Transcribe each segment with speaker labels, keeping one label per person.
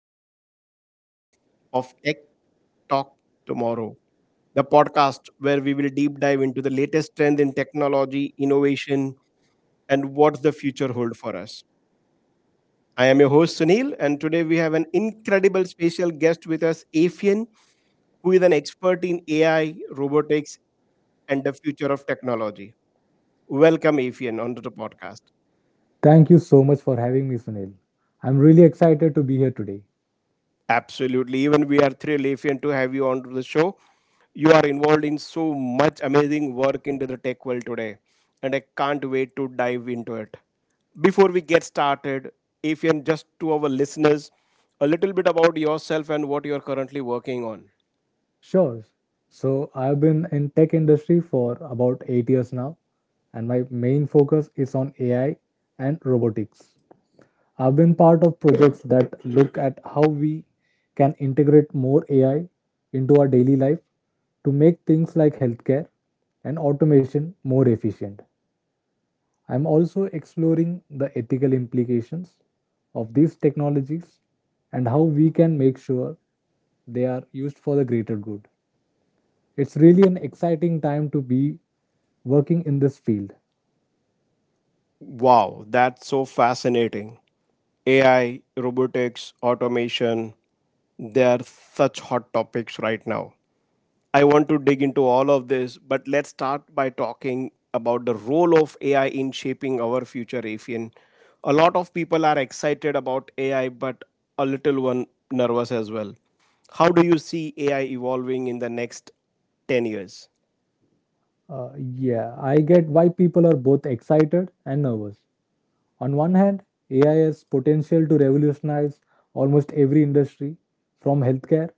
Speaker 1: back to another episode of Tech Talk Tomorrow, the podcast where we will deep dive into the latest trend in technology, innovation, and what the future hold for us. I am your host Sunil, and today we have an incredible special guest with us, Afian, who is an expert in AI, robotics, and the future of technology. Welcome, Afian, onto the podcast.
Speaker 2: Thank you so much for having me, Sunil. I'm really excited to be here today.
Speaker 1: Absolutely. Even we are thrilled, Lefian, to have you on to the show. You are involved in so much amazing work into the tech world today, and I can't wait to dive into it. Before we get started, Afian, just to our listeners, a little bit about yourself and what you're currently working on.
Speaker 2: Sure. So I've been in tech industry for about 8 years now and my main focus is on AI and robotics. I've been part of projects that look at how we can integrate more AI into our daily life to make things like healthcare and automation more efficient. I'm also exploring the ethical implications of these technologies and how we can make sure they are used for the greater good. It's really an exciting time to be working in this field.
Speaker 1: Wow, that's so fascinating. AI, robotics, automation, they are such hot topics right now. I want to dig into all of this, but let's start by talking about the role of AI in shaping our future Afin. A lot of people are excited about AI, but a little one nervous as well. How do you see AI evolving in the next 10 years?
Speaker 2: Yeah, I get why people are both excited and nervous. On one hand, AI has potential to revolutionize almost every industry, from healthcare,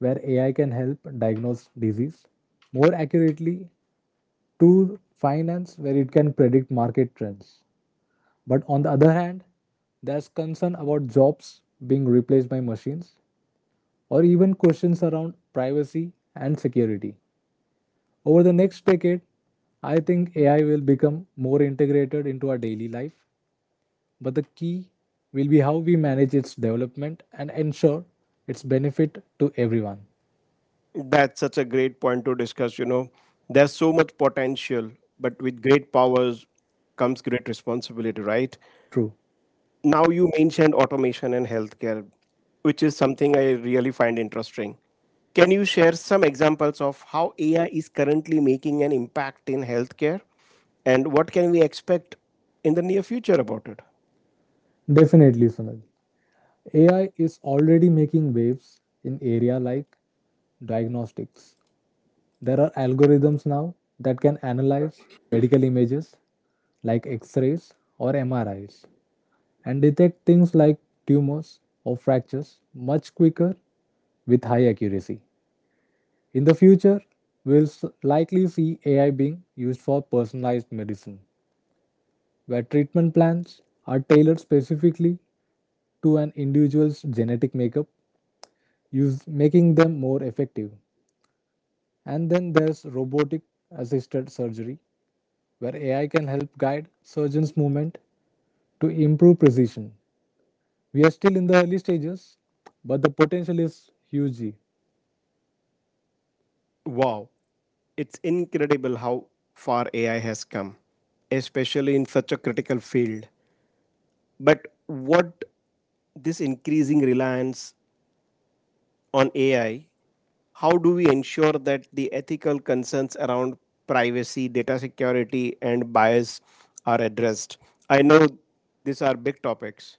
Speaker 2: where AI can help diagnose disease more accurately to finance where it can predict market trends. But on the other hand, there's concern about jobs being replaced by machines or even questions around privacy and security. Over the next decade, I think AI will become more integrated into our daily life, but the key will be how we manage its development and ensure its benefit to everyone.
Speaker 1: That's such a great point to discuss. There's so much potential, but with great powers comes great responsibility, right?
Speaker 2: True.
Speaker 1: Now you mentioned automation and healthcare, which is something I really find interesting. Can you share some examples of how AI is currently making an impact in healthcare and what can we expect in the near future about it?
Speaker 2: Definitely, Sunil. AI is already making waves in area like diagnostics. There are algorithms now that can analyze medical images like x-rays or MRIs and detect things like tumors or fractures much quicker with high accuracy. In the future, we'll likely see AI being used for personalized medicine, where treatment plans are tailored specifically to an individual's genetic makeup use making them more effective. And then there's robotic assisted surgery, where AI can help guide surgeons' movement to improve precision. We are still in the early stages, but the potential is huge.
Speaker 1: Wow, it's incredible how far AI has come, especially in such a critical field. But what this increasing reliance on AI, how do we ensure that the ethical concerns around privacy, data security, and bias are addressed? I know these are big topics.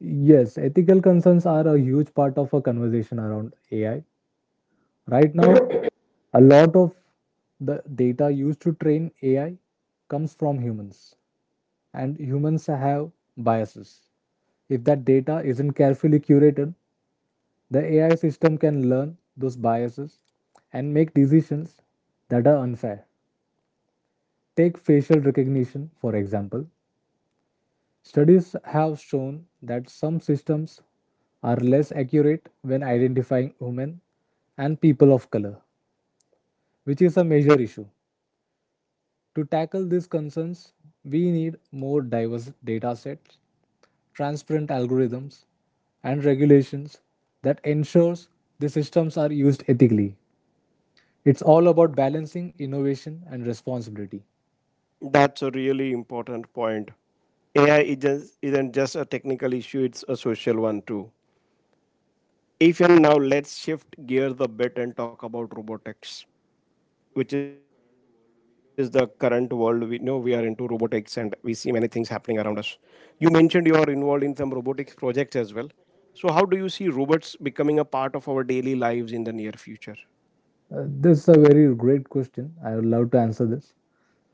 Speaker 2: Yes, ethical concerns are a huge part of a conversation around AI. Right now, a lot of the data used to train AI comes from humans, and humans have biases. If that data isn't carefully curated, the AI system can learn those biases and make decisions that are unfair. Take facial recognition, for example. Studies have shown that some systems are less accurate when identifying women and people of color, which is a major issue. To tackle these concerns, we need more diverse data sets, transparent algorithms, and regulations that ensures the systems are used ethically. It's all about balancing innovation and responsibility.
Speaker 1: That's a really important point. AI isn't just a technical issue, it's a social one too. If and now let's shift gears a bit and talk about robotics. Which is the current world we know we are into robotics, and we see many things happening around us. You mentioned you are involved in some robotics projects as well. So how do you see robots becoming a part of our daily lives in the near future?
Speaker 2: This is a very great question. I would love to answer this.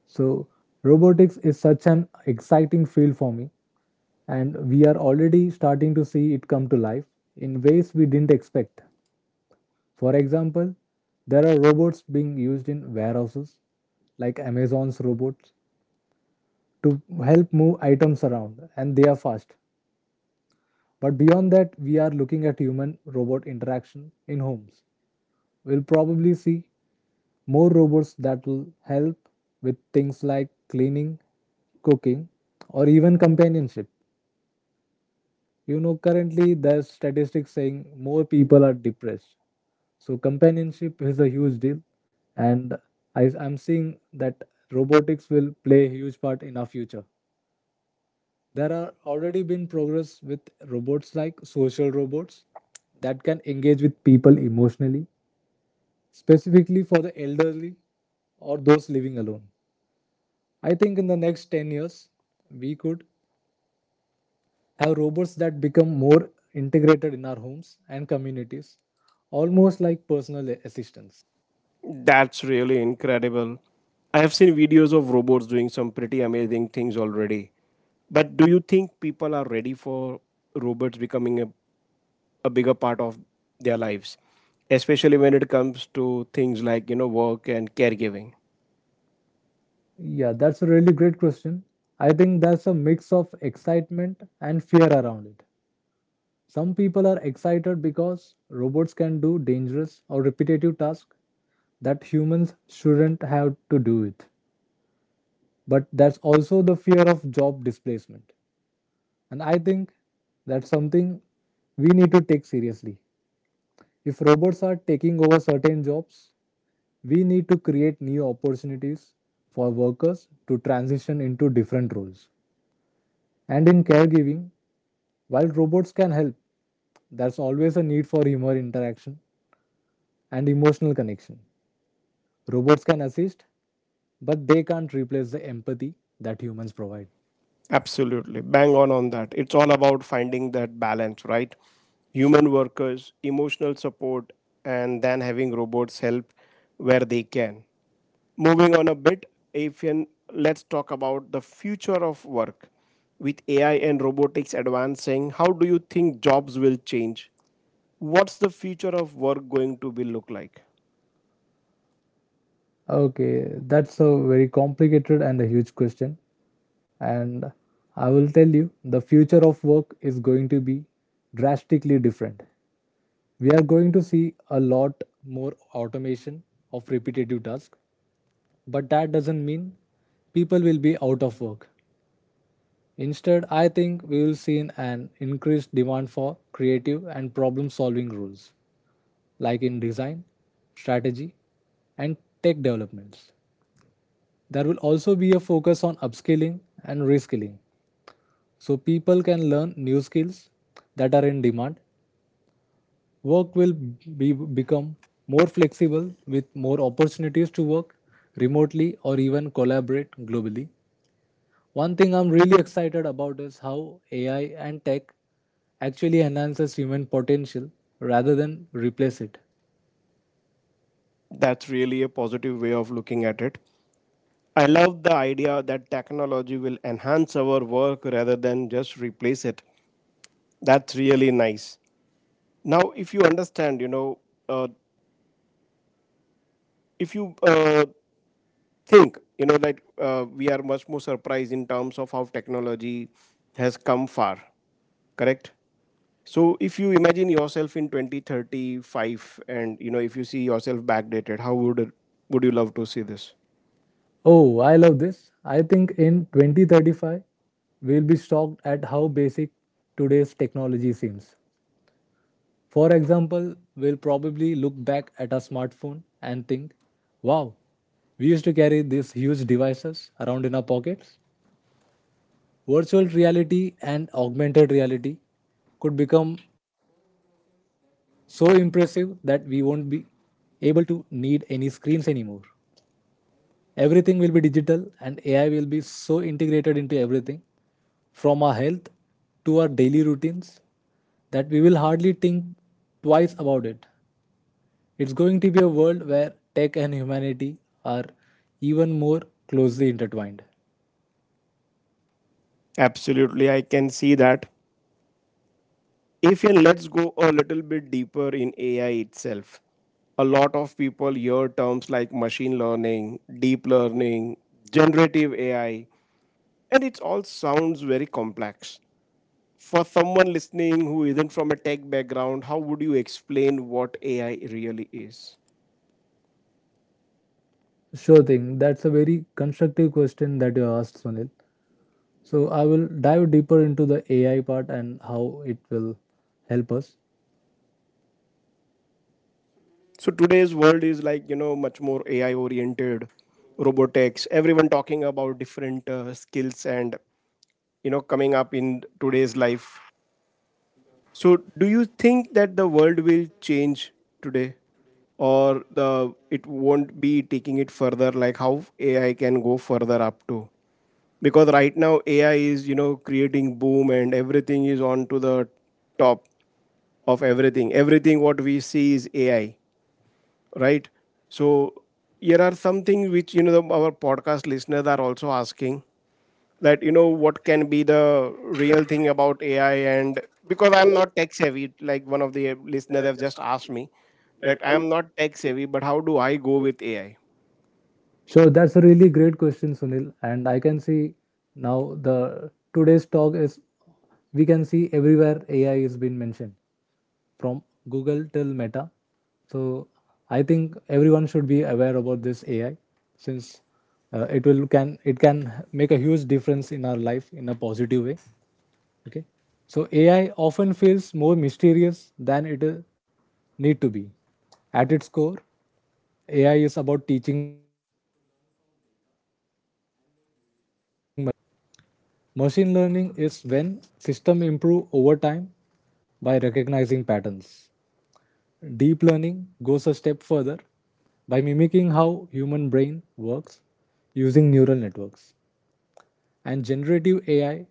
Speaker 2: So, robotics is such an exciting field for me, and we are already starting to see it come to life in ways we didn't expect. For example, there are robots being used in warehouses, like Amazon's robots, to help move items around, and they are fast. But beyond that, we are looking at human robot interaction in homes we'll probably see more robots that will help with things like cleaning, cooking, or even companionship. You know, currently there's statistics saying more people are depressed. So companionship is a huge deal, and I'm seeing that robotics will play a huge part in our future. There are already been progress with robots like social robots that can engage with people emotionally specifically for the elderly or those living alone. I think in the next 10 years, we could have robots that become more integrated in our homes and communities, almost like personal assistants.
Speaker 1: That's really incredible. I have seen videos of robots doing some pretty amazing things already, but do you think people are ready for robots becoming a bigger part of their lives, especially when it comes to things like work and caregiving?
Speaker 2: Yeah, that's a really great question. I think there's a mix of excitement and fear around it. Some people are excited because robots can do dangerous or repetitive tasks that humans shouldn't have to do it. But that's also the fear of job displacement. And I think that's something we need to take seriously. If robots are taking over certain jobs, we need to create new opportunities for workers to transition into different roles. And in caregiving, while robots can help, there's always a need for human interaction and emotional connection. Robots can assist, but they can't replace the empathy that humans provide.
Speaker 1: Absolutely. Bang on that. It's all about finding that balance, right? Human workers, emotional support, and then having robots help where they can. Moving on a bit, Afian, let's talk about the future of work. With AI and robotics advancing, how do you think jobs will change? What's the future of work going to be look like?
Speaker 2: Okay, that's a very complicated and a huge question. And I will tell you the future of work is going to be drastically different. We are going to see a lot more automation of repetitive tasks, but that doesn't mean people will be out of work. Instead, I think we will see an increased demand for creative and problem solving roles, like in design, strategy, and tech developments. There will also be a focus on upskilling and reskilling so people can learn new skills that are in demand. Work will become more flexible with more opportunities to work remotely or even collaborate globally. One thing I'm really excited about is how AI and tech actually enhances human potential rather than replace it.
Speaker 1: That's really a positive way of looking at it. I love the idea that technology will enhance our work rather than just replace it. That's really nice. Now, if you understand, uh, if you think, that we are much more surprised in terms of how technology has come far, correct? So, if you imagine yourself in 2035 and, if you see yourself backdated, how would you love to see this?
Speaker 2: Oh, I love this. I think in 2035, we'll be shocked at how basic today's technology seems. For example, we'll probably look back at our smartphone and think, wow, we used to carry these huge devices around in our pockets. Virtual reality and augmented reality could become so impressive that we won't be able to need any screens anymore. Everything will be digital and AI will be so integrated into everything from our health to our daily routines that we will hardly think twice about it. It's going to be a world where tech and humanity are even more closely intertwined.
Speaker 1: Absolutely, I can see that. If and let's go a little bit deeper in AI itself. A lot of people hear terms like machine learning, deep learning, generative AI, and it all sounds very complex. For someone listening who isn't from a tech background, how would you explain what AI really is?
Speaker 2: Sure thing. That's a very constructive question that you asked, Sunil. So I will dive deeper into the AI part and how it will help us.
Speaker 1: So today's world is like, much more AI oriented, robotics, everyone talking about different skills and, coming up in today's life. So, do you think that the world will change today, or the it won't be taking it further? Like how AI can go further up to? Because right now AI is creating boom and everything is on to the top of everything. Everything what we see is AI, right? So here are some things which our podcast listeners are also asking that what can be the real thing about AI, and because I'm not tech savvy, like one of the listeners have just asked me that I am not tech savvy, but how do I go with AI?
Speaker 2: Sure, that's a really great question, Sunil. And I can see now the today's talk is we can see everywhere AI is being mentioned from Google till Meta. So I think everyone should be aware about this AI since it will can it can make a huge difference in our life in a positive way. Okay. So AI often feels more mysterious than it need to be. At its core, AI is about teaching machines to learn from data and make decisions. Machine learning is when system improve over time by recognizing patterns. Deep learning goes a step further by mimicking how human brain works using neural networks. And generative AI,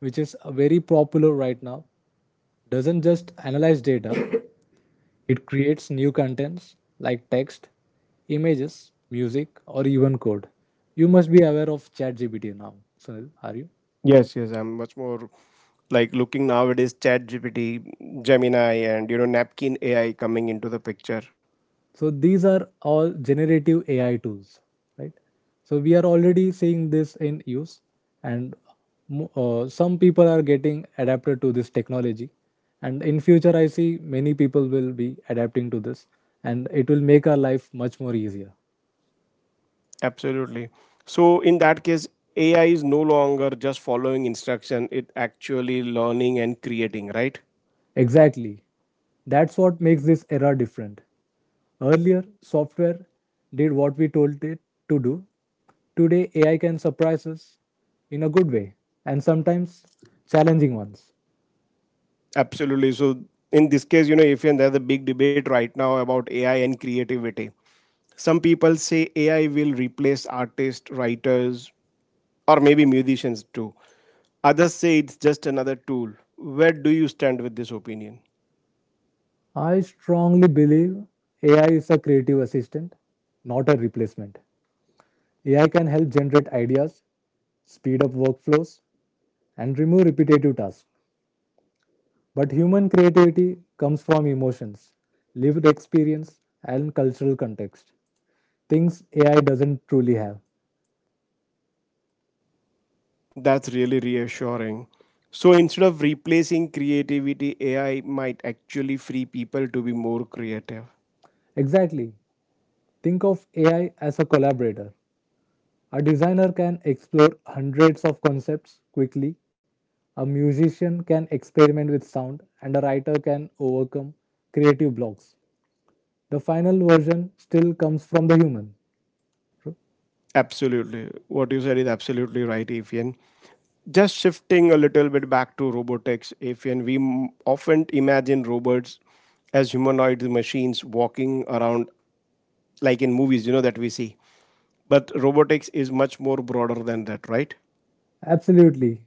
Speaker 2: which is very popular right now, doesn't just analyze data, it creates new contents like text, images, music, or even code. You must be aware of ChatGPT now, Sunil, are you?
Speaker 1: Yes, yes, I'm much more like looking nowadays Chat GPT, Gemini, and napkin AI coming into the picture.
Speaker 2: So these are all generative AI tools, right? So we are already seeing this in use, and some people are getting adapted to this technology, and in future I see many people will be adapting to this, and it will make our life much more easier.
Speaker 1: Absolutely. So in that case, AI is no longer just following instruction; it actually learning and creating, right?
Speaker 2: Exactly. That's what makes this era different. Earlier, software did what we told it to do. Today, AI can surprise us in a good way and sometimes challenging ones.
Speaker 1: Absolutely. So in this case, if and there's a big debate right now about AI and creativity. Some people say AI will replace artists, writers, or maybe musicians too. Others say it's just another tool. Where do you stand with this opinion?
Speaker 2: I strongly believe AI is a creative assistant, not a replacement. AI can help generate ideas, speed up workflows, and remove repetitive tasks. But human creativity comes from emotions, lived experience, and cultural context. Things AI doesn't truly have.
Speaker 1: That's really reassuring. So instead of replacing creativity, AI might actually free people to be more creative.
Speaker 2: Exactly. Think of AI as a collaborator. A designer can explore hundreds of concepts quickly. A musician can experiment with sound, and a writer can overcome creative blocks. The final version still comes from the human.
Speaker 1: Absolutely. What you said is absolutely right, Evian. Just shifting a little bit back to robotics, if and we often imagine robots as humanoid machines walking around like in movies, that we see. But robotics is much more broader than that, right?
Speaker 2: Absolutely.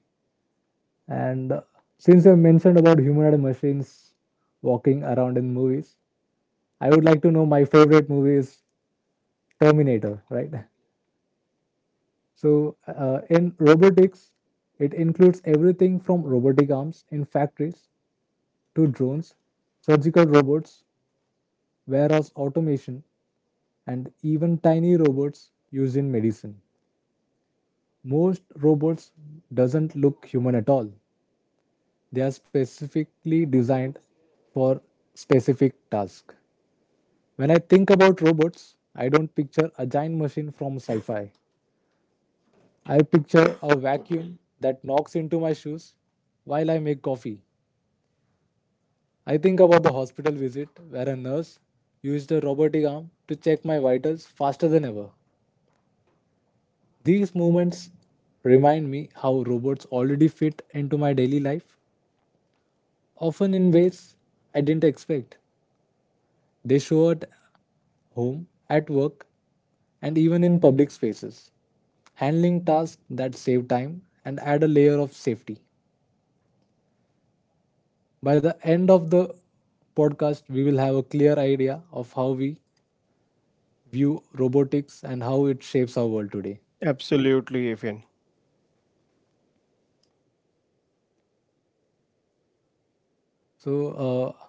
Speaker 2: And since you mentioned about humanoid machines walking around in movies, I would like to know my favorite movie is Terminator, right? So, in robotics, it includes everything from robotic arms in factories to drones, surgical robots, warehouse automation, and even tiny robots used in medicine. Most robots doesn't look human at all. They are specifically designed for specific tasks. When I think about robots, I don't picture a giant machine from sci fi. I picture a vacuum that knocks into my shoes while I make coffee. I think about the hospital visit where a nurse used a robotic arm to check my vitals faster than ever. These moments remind me how robots already fit into my daily life, often in ways I didn't expect. They show at home, at work, and even in public spaces, handling tasks that save time and add a layer of safety. By the end of the podcast, we will have a clear idea of how we view robotics and how it shapes our world today.
Speaker 1: Absolutely, Ifin.
Speaker 2: So, uh,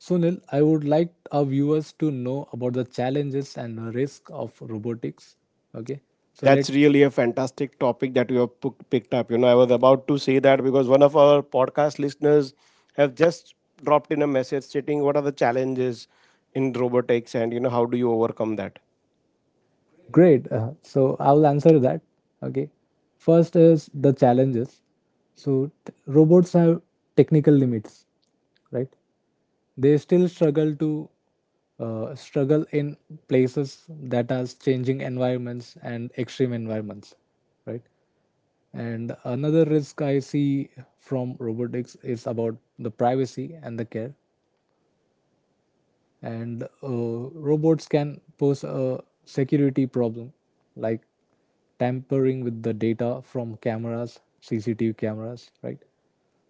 Speaker 2: Sunil, I would like our viewers to know about the challenges and the risk of robotics. Okay, so let
Speaker 1: That's
Speaker 2: Yes.
Speaker 1: really a fantastic topic that you have picked up. I was about to say that because one of our podcast listeners have just dropped in a message stating what are the challenges in robotics, and how do you overcome that.
Speaker 2: Great. So I will answer that. Okay. First is the challenges. So robots have technical limits, right? They still struggle in places that are changing environments and extreme environments, right? And another risk I see from robotics is about the privacy and the care, and robots can pose a security problem, like tampering with the data from cameras, CCTV cameras, right?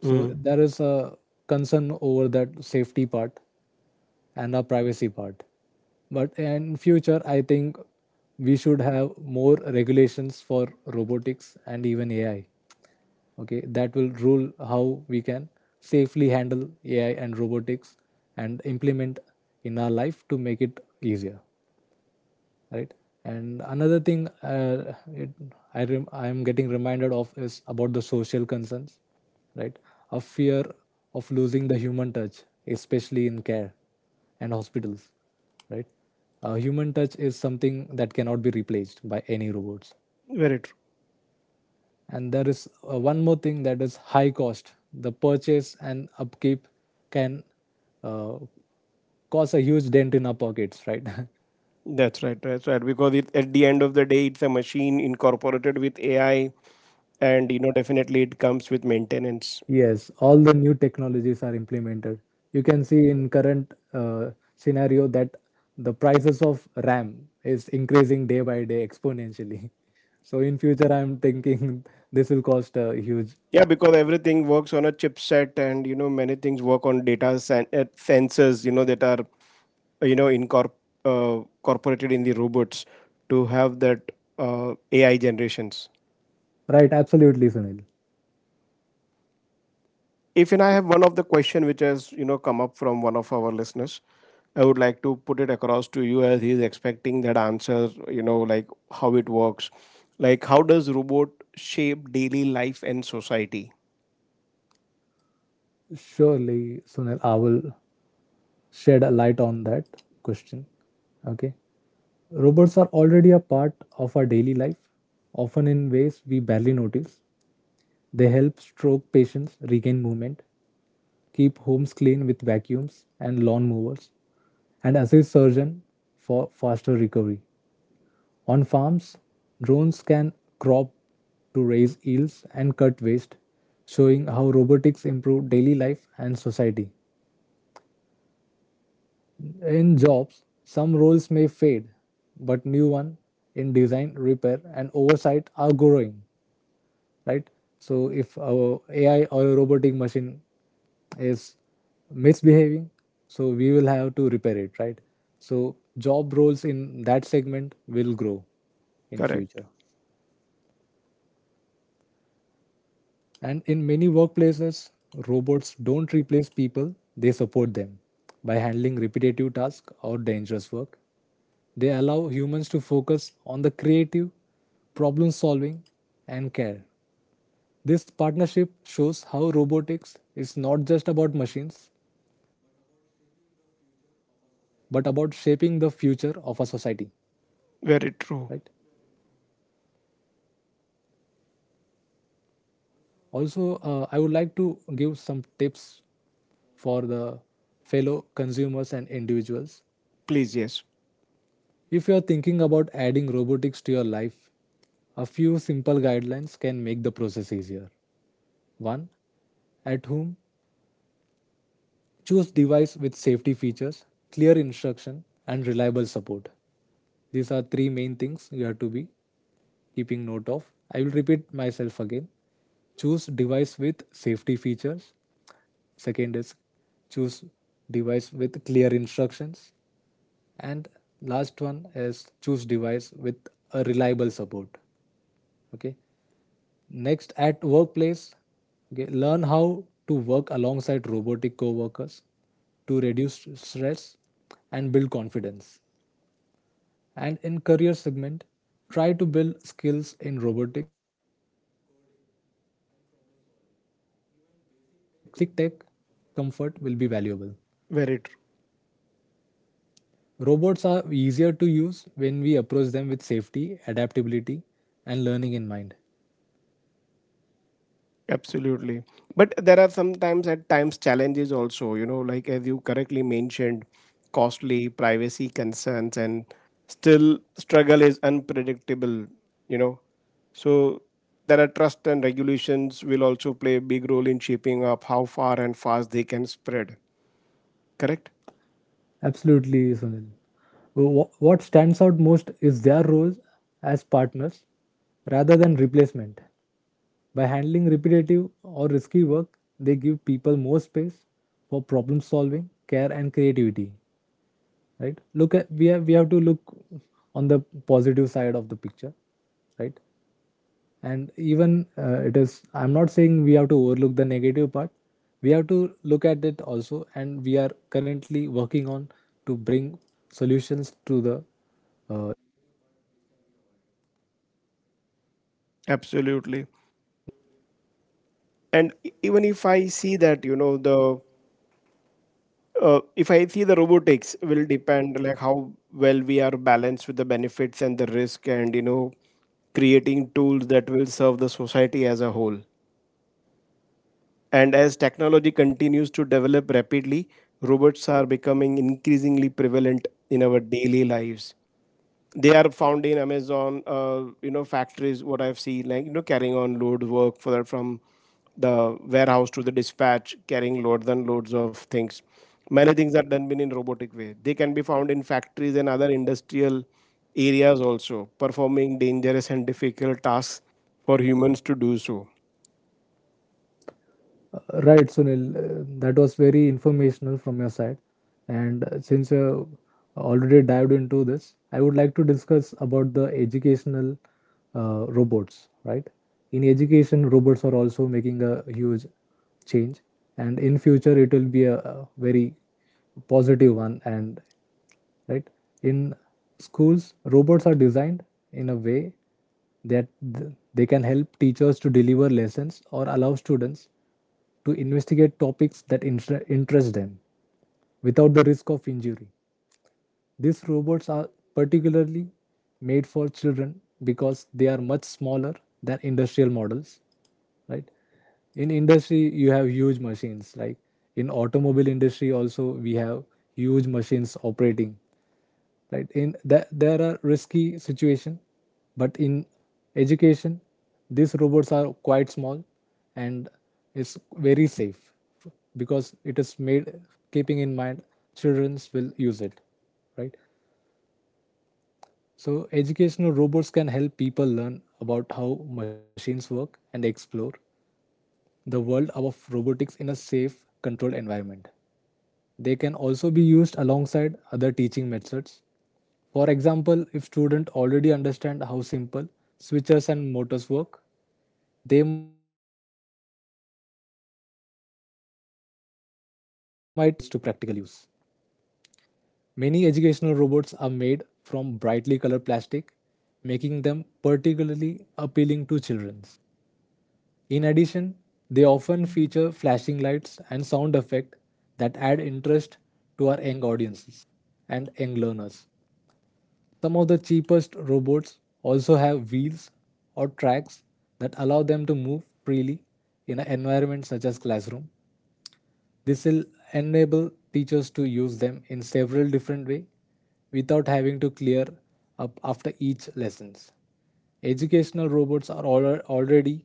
Speaker 2: So there is a concern over that safety part and the privacy part. But in future, I think we should have more regulations for robotics and even AI, okay, that will rule how we can safely handle AI and robotics and implement in our life to make it easier, right? And another thing uh, it, I am getting reminded of is about the social concerns, right? A fear of losing the human touch, especially in care and hospitals, right? A human touch is something that cannot be replaced by any robots.
Speaker 1: Very true.
Speaker 2: And there is one more thing, that is high cost. The purchase and upkeep can uh, cause a huge dent in our pockets, right?
Speaker 1: That's right. That's right. Because it, at the end of the day, it's a machine incorporated with AI, and definitely it comes with maintenance.
Speaker 2: Yes, all the new technologies are implemented. You can see in current scenario that the prices of RAM is increasing day by day exponentially. So in future I'm thinking this will cost a huge.
Speaker 1: Yeah, because everything works on a chipset, and many things work on data sensors. That are uh, you know incorpor- incorporated in the robots to have that AI generations.
Speaker 2: Right, absolutely, Sunil.
Speaker 1: If and I have one of the question which has come up from one of our listeners. I would like to put it across to you, as he's expecting that answer, like how it works, like how does robot shape daily life and society?
Speaker 2: Surely, Sunil, I will shed a light on that question. Okay. Robots are already a part of our daily life, often in ways we barely notice. They help stroke patients regain movement, keep homes clean with vacuums and lawn mowers, and assist surgeons for faster recovery. On farms, drones can crop to raise yields and cut waste, showing how robotics improve daily life and society. In jobs, some roles may fade, but new ones in design, repair, and oversight are growing, right? So if our AI or a robotic machine is misbehaving, so we will have to repair it, right? So job roles in that segment will grow in
Speaker 1: Correct.
Speaker 2: future. And in many workplaces, robots don't replace people, they support them by handling repetitive tasks or dangerous work. They allow humans to focus on the creative, problem solving, and care. This partnership shows how robotics is not just about machines, but about shaping the future of our society, right?
Speaker 1: Very true.
Speaker 2: Also, I would like to give some tips for the fellow consumers and individuals.
Speaker 1: Please, yes.
Speaker 2: If you're thinking about adding robotics to your life, a few simple guidelines can make the process easier. 1. At home, choose device with safety features, clear instruction, and reliable support. These are three main things you have to be keeping note of. I will repeat myself again. Choose device with safety features. Second is choose device with clear instructions. And last one is choose device with a reliable support. Okay. Next, at workplace, okay, learn how to work alongside robotic co-workers to reduce stress and build confidence. And in career segment, try to build skills in robotics, coding, and problem solving. Even basic tech comfort will be valuable.
Speaker 1: Very true.
Speaker 2: Robots are easier to use when we approach them with safety, adaptability, and learning in mind.
Speaker 1: Absolutely. But there are sometimes at times challenges also, like as you correctly mentioned, costly privacy concerns and still struggle is unpredictable, you know. So there are trust and regulations will also play a big role in shaping up how far and fast they can spread. Correct?
Speaker 2: Absolutely, Sunil. What stands out most is their roles as partners rather than replacement. By handling repetitive or risky work, they give people more space for problem solving, care, and creativity. Right? Look at, we have to look on the positive side of the picture. Right? And even it is, I'm not saying we have to overlook the negative part. We have to look at it also, and we are currently working on to bring solutions to the negative part which can be avoided, right?
Speaker 1: Absolutely. And even if I see that, the if I see the robotics will depend like how well we are balanced with the benefits and the risk, and creating tools that will serve the society as a whole. And as technology continues to develop rapidly, robots are becoming increasingly prevalent in our daily lives. They are found in Amazon factories, what I've seen, like carrying on load work for that from the warehouse to the dispatch, carrying loads and loads of things. Many things are done been in robotic way. They can be found in factories and other industrial areas also, performing dangerous and difficult tasks for humans to do so.
Speaker 2: Right, Sunil, that was very informational from your side. And since you already dived into this, I would like to discuss about the educational robots, right? In education, robots are also making a huge change, and in future it will be a very positive one, and right, in schools, robots are designed in a way that they can help teachers to deliver lessons or allow students to investigate topics that interest them without the risk of injury. These robots are particularly made for children because they are much smaller than industrial models, right? In industry, you have huge machines. Like in automobile industry, also we have huge machines operating, right? In that, there are risky situation, but in education these robots are quite small, and it's very safe because it is made keeping in mind childrens will use it, right? So educational robots can help people learn about how machines work and explore the world of robotics in a safe controlled environment. They can also be used alongside other teaching methods. For example, if students already understand how simple switches and motors work, they might enjoy using an animatropic figure to put their knowledge to practical use. Many educational robots are made from brightly colored plastic, making them particularly appealing to children. In addition, they often feature flashing lights and sound effects that add interest to our young audiences and young learners. Some of the cheapest robots also have wheels or tracks that allow them to move freely in an environment such as classroom. This will enable teachers to use them in several different ways without having to clear up after each lessons. Educational robots are already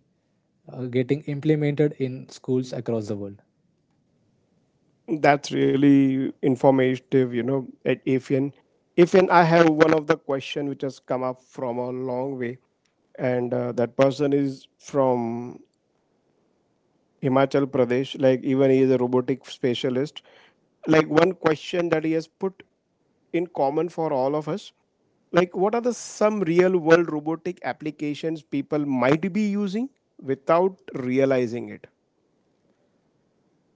Speaker 2: getting implemented in schools across the world.
Speaker 1: That's really informative, at Afian, Afian, I have one of the question which has come up from a long way, and that person is from Himachal Pradesh. Like even he is a robotic specialist. Like one question that he has put in common for all of us. Like what are the some real world robotic applications people might be using without realizing it?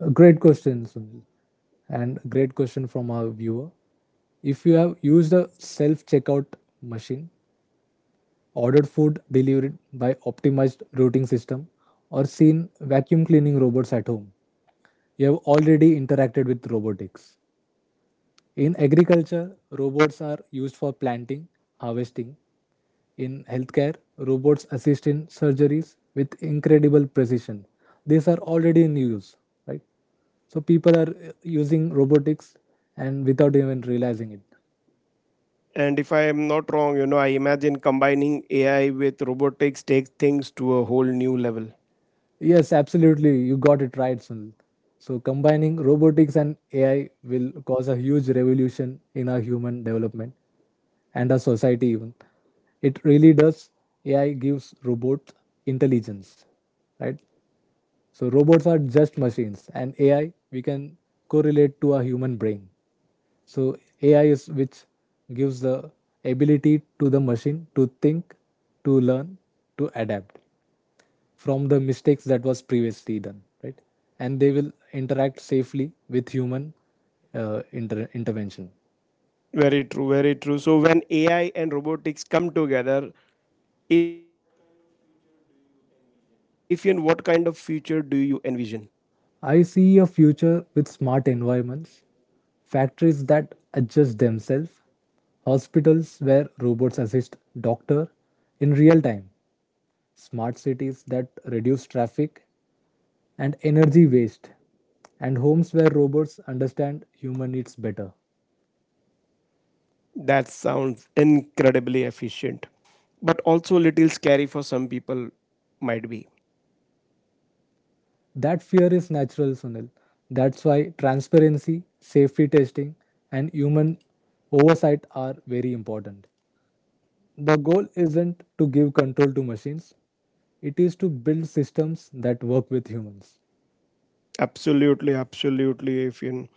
Speaker 2: A great question, Sunil, and a great question from our viewer. If you have used a self checkout machine, ordered food delivered by optimized routing system, or seen vacuum cleaning robots at home, you have already interacted with robotics. In agriculture, robots are used for planting, harvesting. In healthcare, robots assist in surgeries with incredible precision. These are already in use, right? So people are using robotics and without even realizing it.
Speaker 1: And if I am not wrong, I imagine combining AI with robotics takes things to a whole new level.
Speaker 2: Yes, absolutely. You got it right, Sunil. So, combining robotics and AI will cause a huge revolution in our human development and our society, even. It really does. AI gives robots intelligence, right? So, robots are just machines, and AI we can correlate to a human brain. So, AI is which gives the ability to the machine to think, to learn, to adapt from the mistakes that was previously done, right? And they will interact safely with human intervention.
Speaker 1: Very true, very true. So when AI and robotics come together, if what kind of future do you envision?
Speaker 2: I see a future with smart environments, factories that adjust themselves, hospitals where robots assist doctor in real time, smart cities that reduce traffic and energy waste, and homes where robots understand human needs better.
Speaker 1: That sounds incredibly efficient, but also a little scary for some people, might be.
Speaker 2: That fear is natural, Sunil. That's why transparency, safety testing, and human oversight are very important. The goal isn't to give control to machines, it is to build systems that work with humans.
Speaker 1: Absolutely, absolutely, Afian.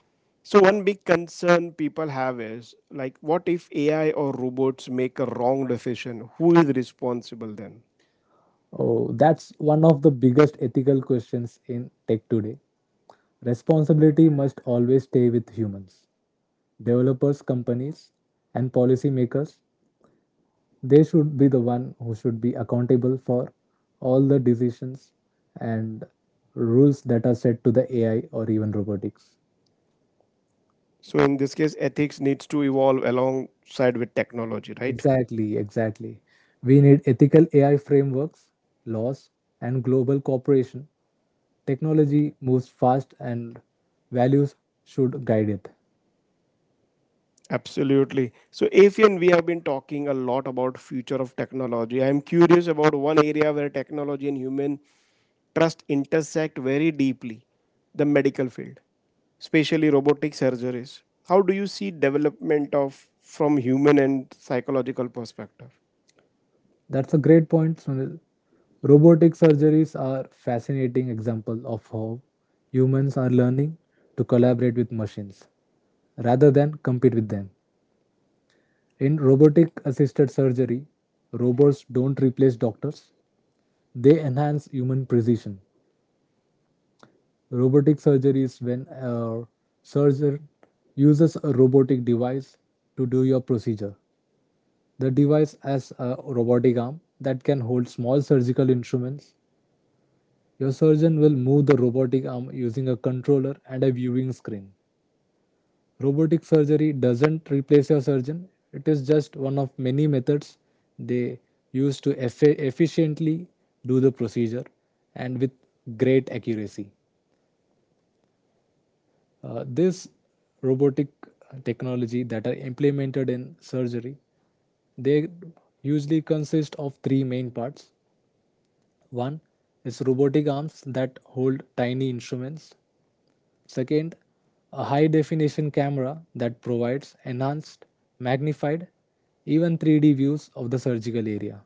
Speaker 1: So one big concern people have is like, what if AI or robots make a wrong decision? Who is responsible then?
Speaker 2: Oh, that's one of the biggest ethical questions in tech today. Responsibility must always stay with humans. Developers, companies, and policymakers they should be the one who should be accountable for all the decisions and rules that are set to the AI or even robotics.
Speaker 1: So in this case, ethics needs to evolve alongside with technology, right?
Speaker 2: Exactly, exactly. We need ethical AI frameworks, laws, and global cooperation. Technology moves fast and values should guide it.
Speaker 1: Absolutely. So Afian, we have been talking a lot about future of technology. I am curious about one area where technology and human trust intersect very deeply, the medical field, especially robotic surgeries. How do you see development of from human and psychological perspective?
Speaker 2: That's a great point, Sunil. Robotic surgeries are fascinating example of how humans are learning to collaborate with machines rather than compete with them. In robotic assisted surgery, robots don't replace doctors, they enhance human precision. Robotic surgery is when a surgeon uses a robotic device to do your procedure. The device has a robotic arm that can hold small surgical instruments. Your surgeon will move the robotic arm using a controller and a viewing screen. Robotic surgery doesn't replace your surgeon, it is just one of many methods they use to efficiently do the procedure and with great accuracy. This robotic technology that are implemented in surgery they usually consist of three main parts. One is robotic arms that hold tiny instruments. Second, a high definition camera that provides enhanced, magnified, even 3D views of the surgical area.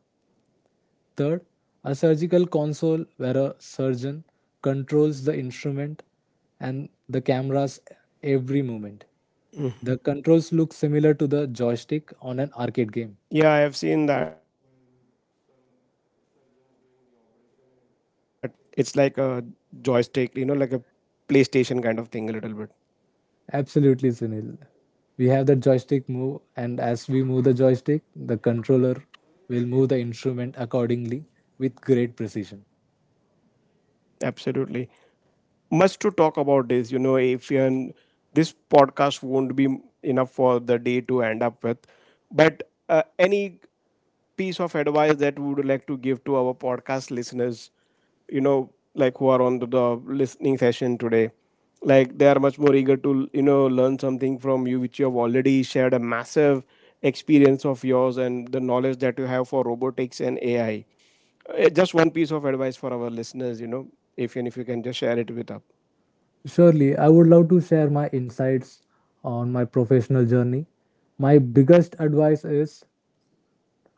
Speaker 2: Third, a surgical console where a surgeon controls the instrument and the camera's every movement. The controls look similar to the joystick on an arcade game.
Speaker 1: Yeah, I have seen that, while some surgeons doing the operation, and it's like a joystick, like a PlayStation kind of thing a little bit.
Speaker 2: Absolutely, Sunil. We have the joystick move, and as we move the joystick, the controller will move the instrument accordingly with great precision.
Speaker 1: Absolutely. Much to talk about this, if you are- this podcast won't be enough for the day to end up with. But any piece of advice that we would like to give to our podcast listeners, like who are on the listening session today, like they are much more eager to learn something from you, which you have already shared a massive experience of yours and the knowledge that you have for robotics and AI. Just one piece of advice for our listeners, if and if you can just share it with us.
Speaker 2: Surely, I would love to share my insights on my professional journey. My biggest advice is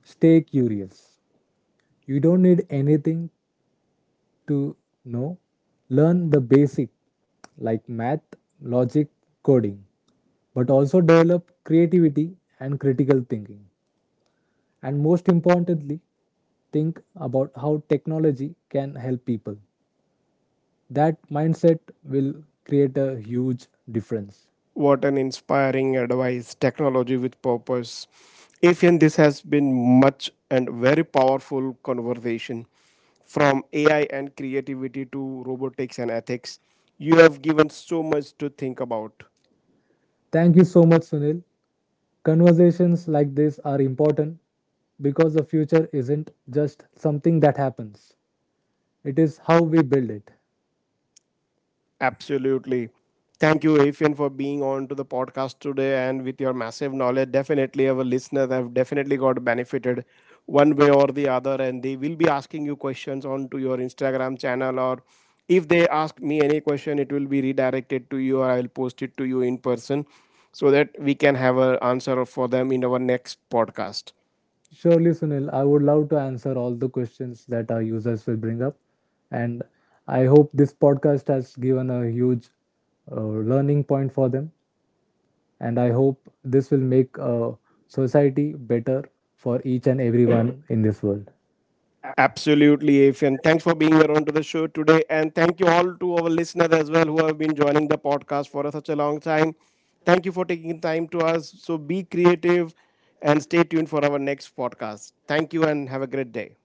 Speaker 2: stay curious. You don't need anything to know. Learn the basic like math, logic, coding, but also develop creativity and critical thinking. And most importantly, think about how technology can help people. That mindset will create a huge difference.
Speaker 1: What an inspiring advice. Technology with purpose. Afian, this has been much and very powerful conversation from AI and creativity to robotics and ethics. You have given so much to think about.
Speaker 2: Thank you so much, Sunil. Conversations like this are important because the future isn't just something that happens, it is how we build it.
Speaker 1: Absolutely. Thank you, Afian, for being on to the podcast today and with your massive knowledge. Definitely, our listeners have definitely got benefited one way or the other, and they will be asking you questions on to your Instagram channel. Or if they ask me any question, it will be redirected to you, or I will post it to you in person so that we can have an answer for them in our next podcast.
Speaker 2: Surely, Sunil, I would love to answer all the questions that our users will bring up. And I hope this podcast has given a huge learning point for them. And I hope this will make society better for each and everyone in this world.
Speaker 1: Absolutely, Afian. Thanks for being here onto the show today. And thank you all to our listeners as well who have been joining the podcast for such a long time. Thank you for taking time to us. So be creative and stay tuned for our next podcast. Thank you and have a great day.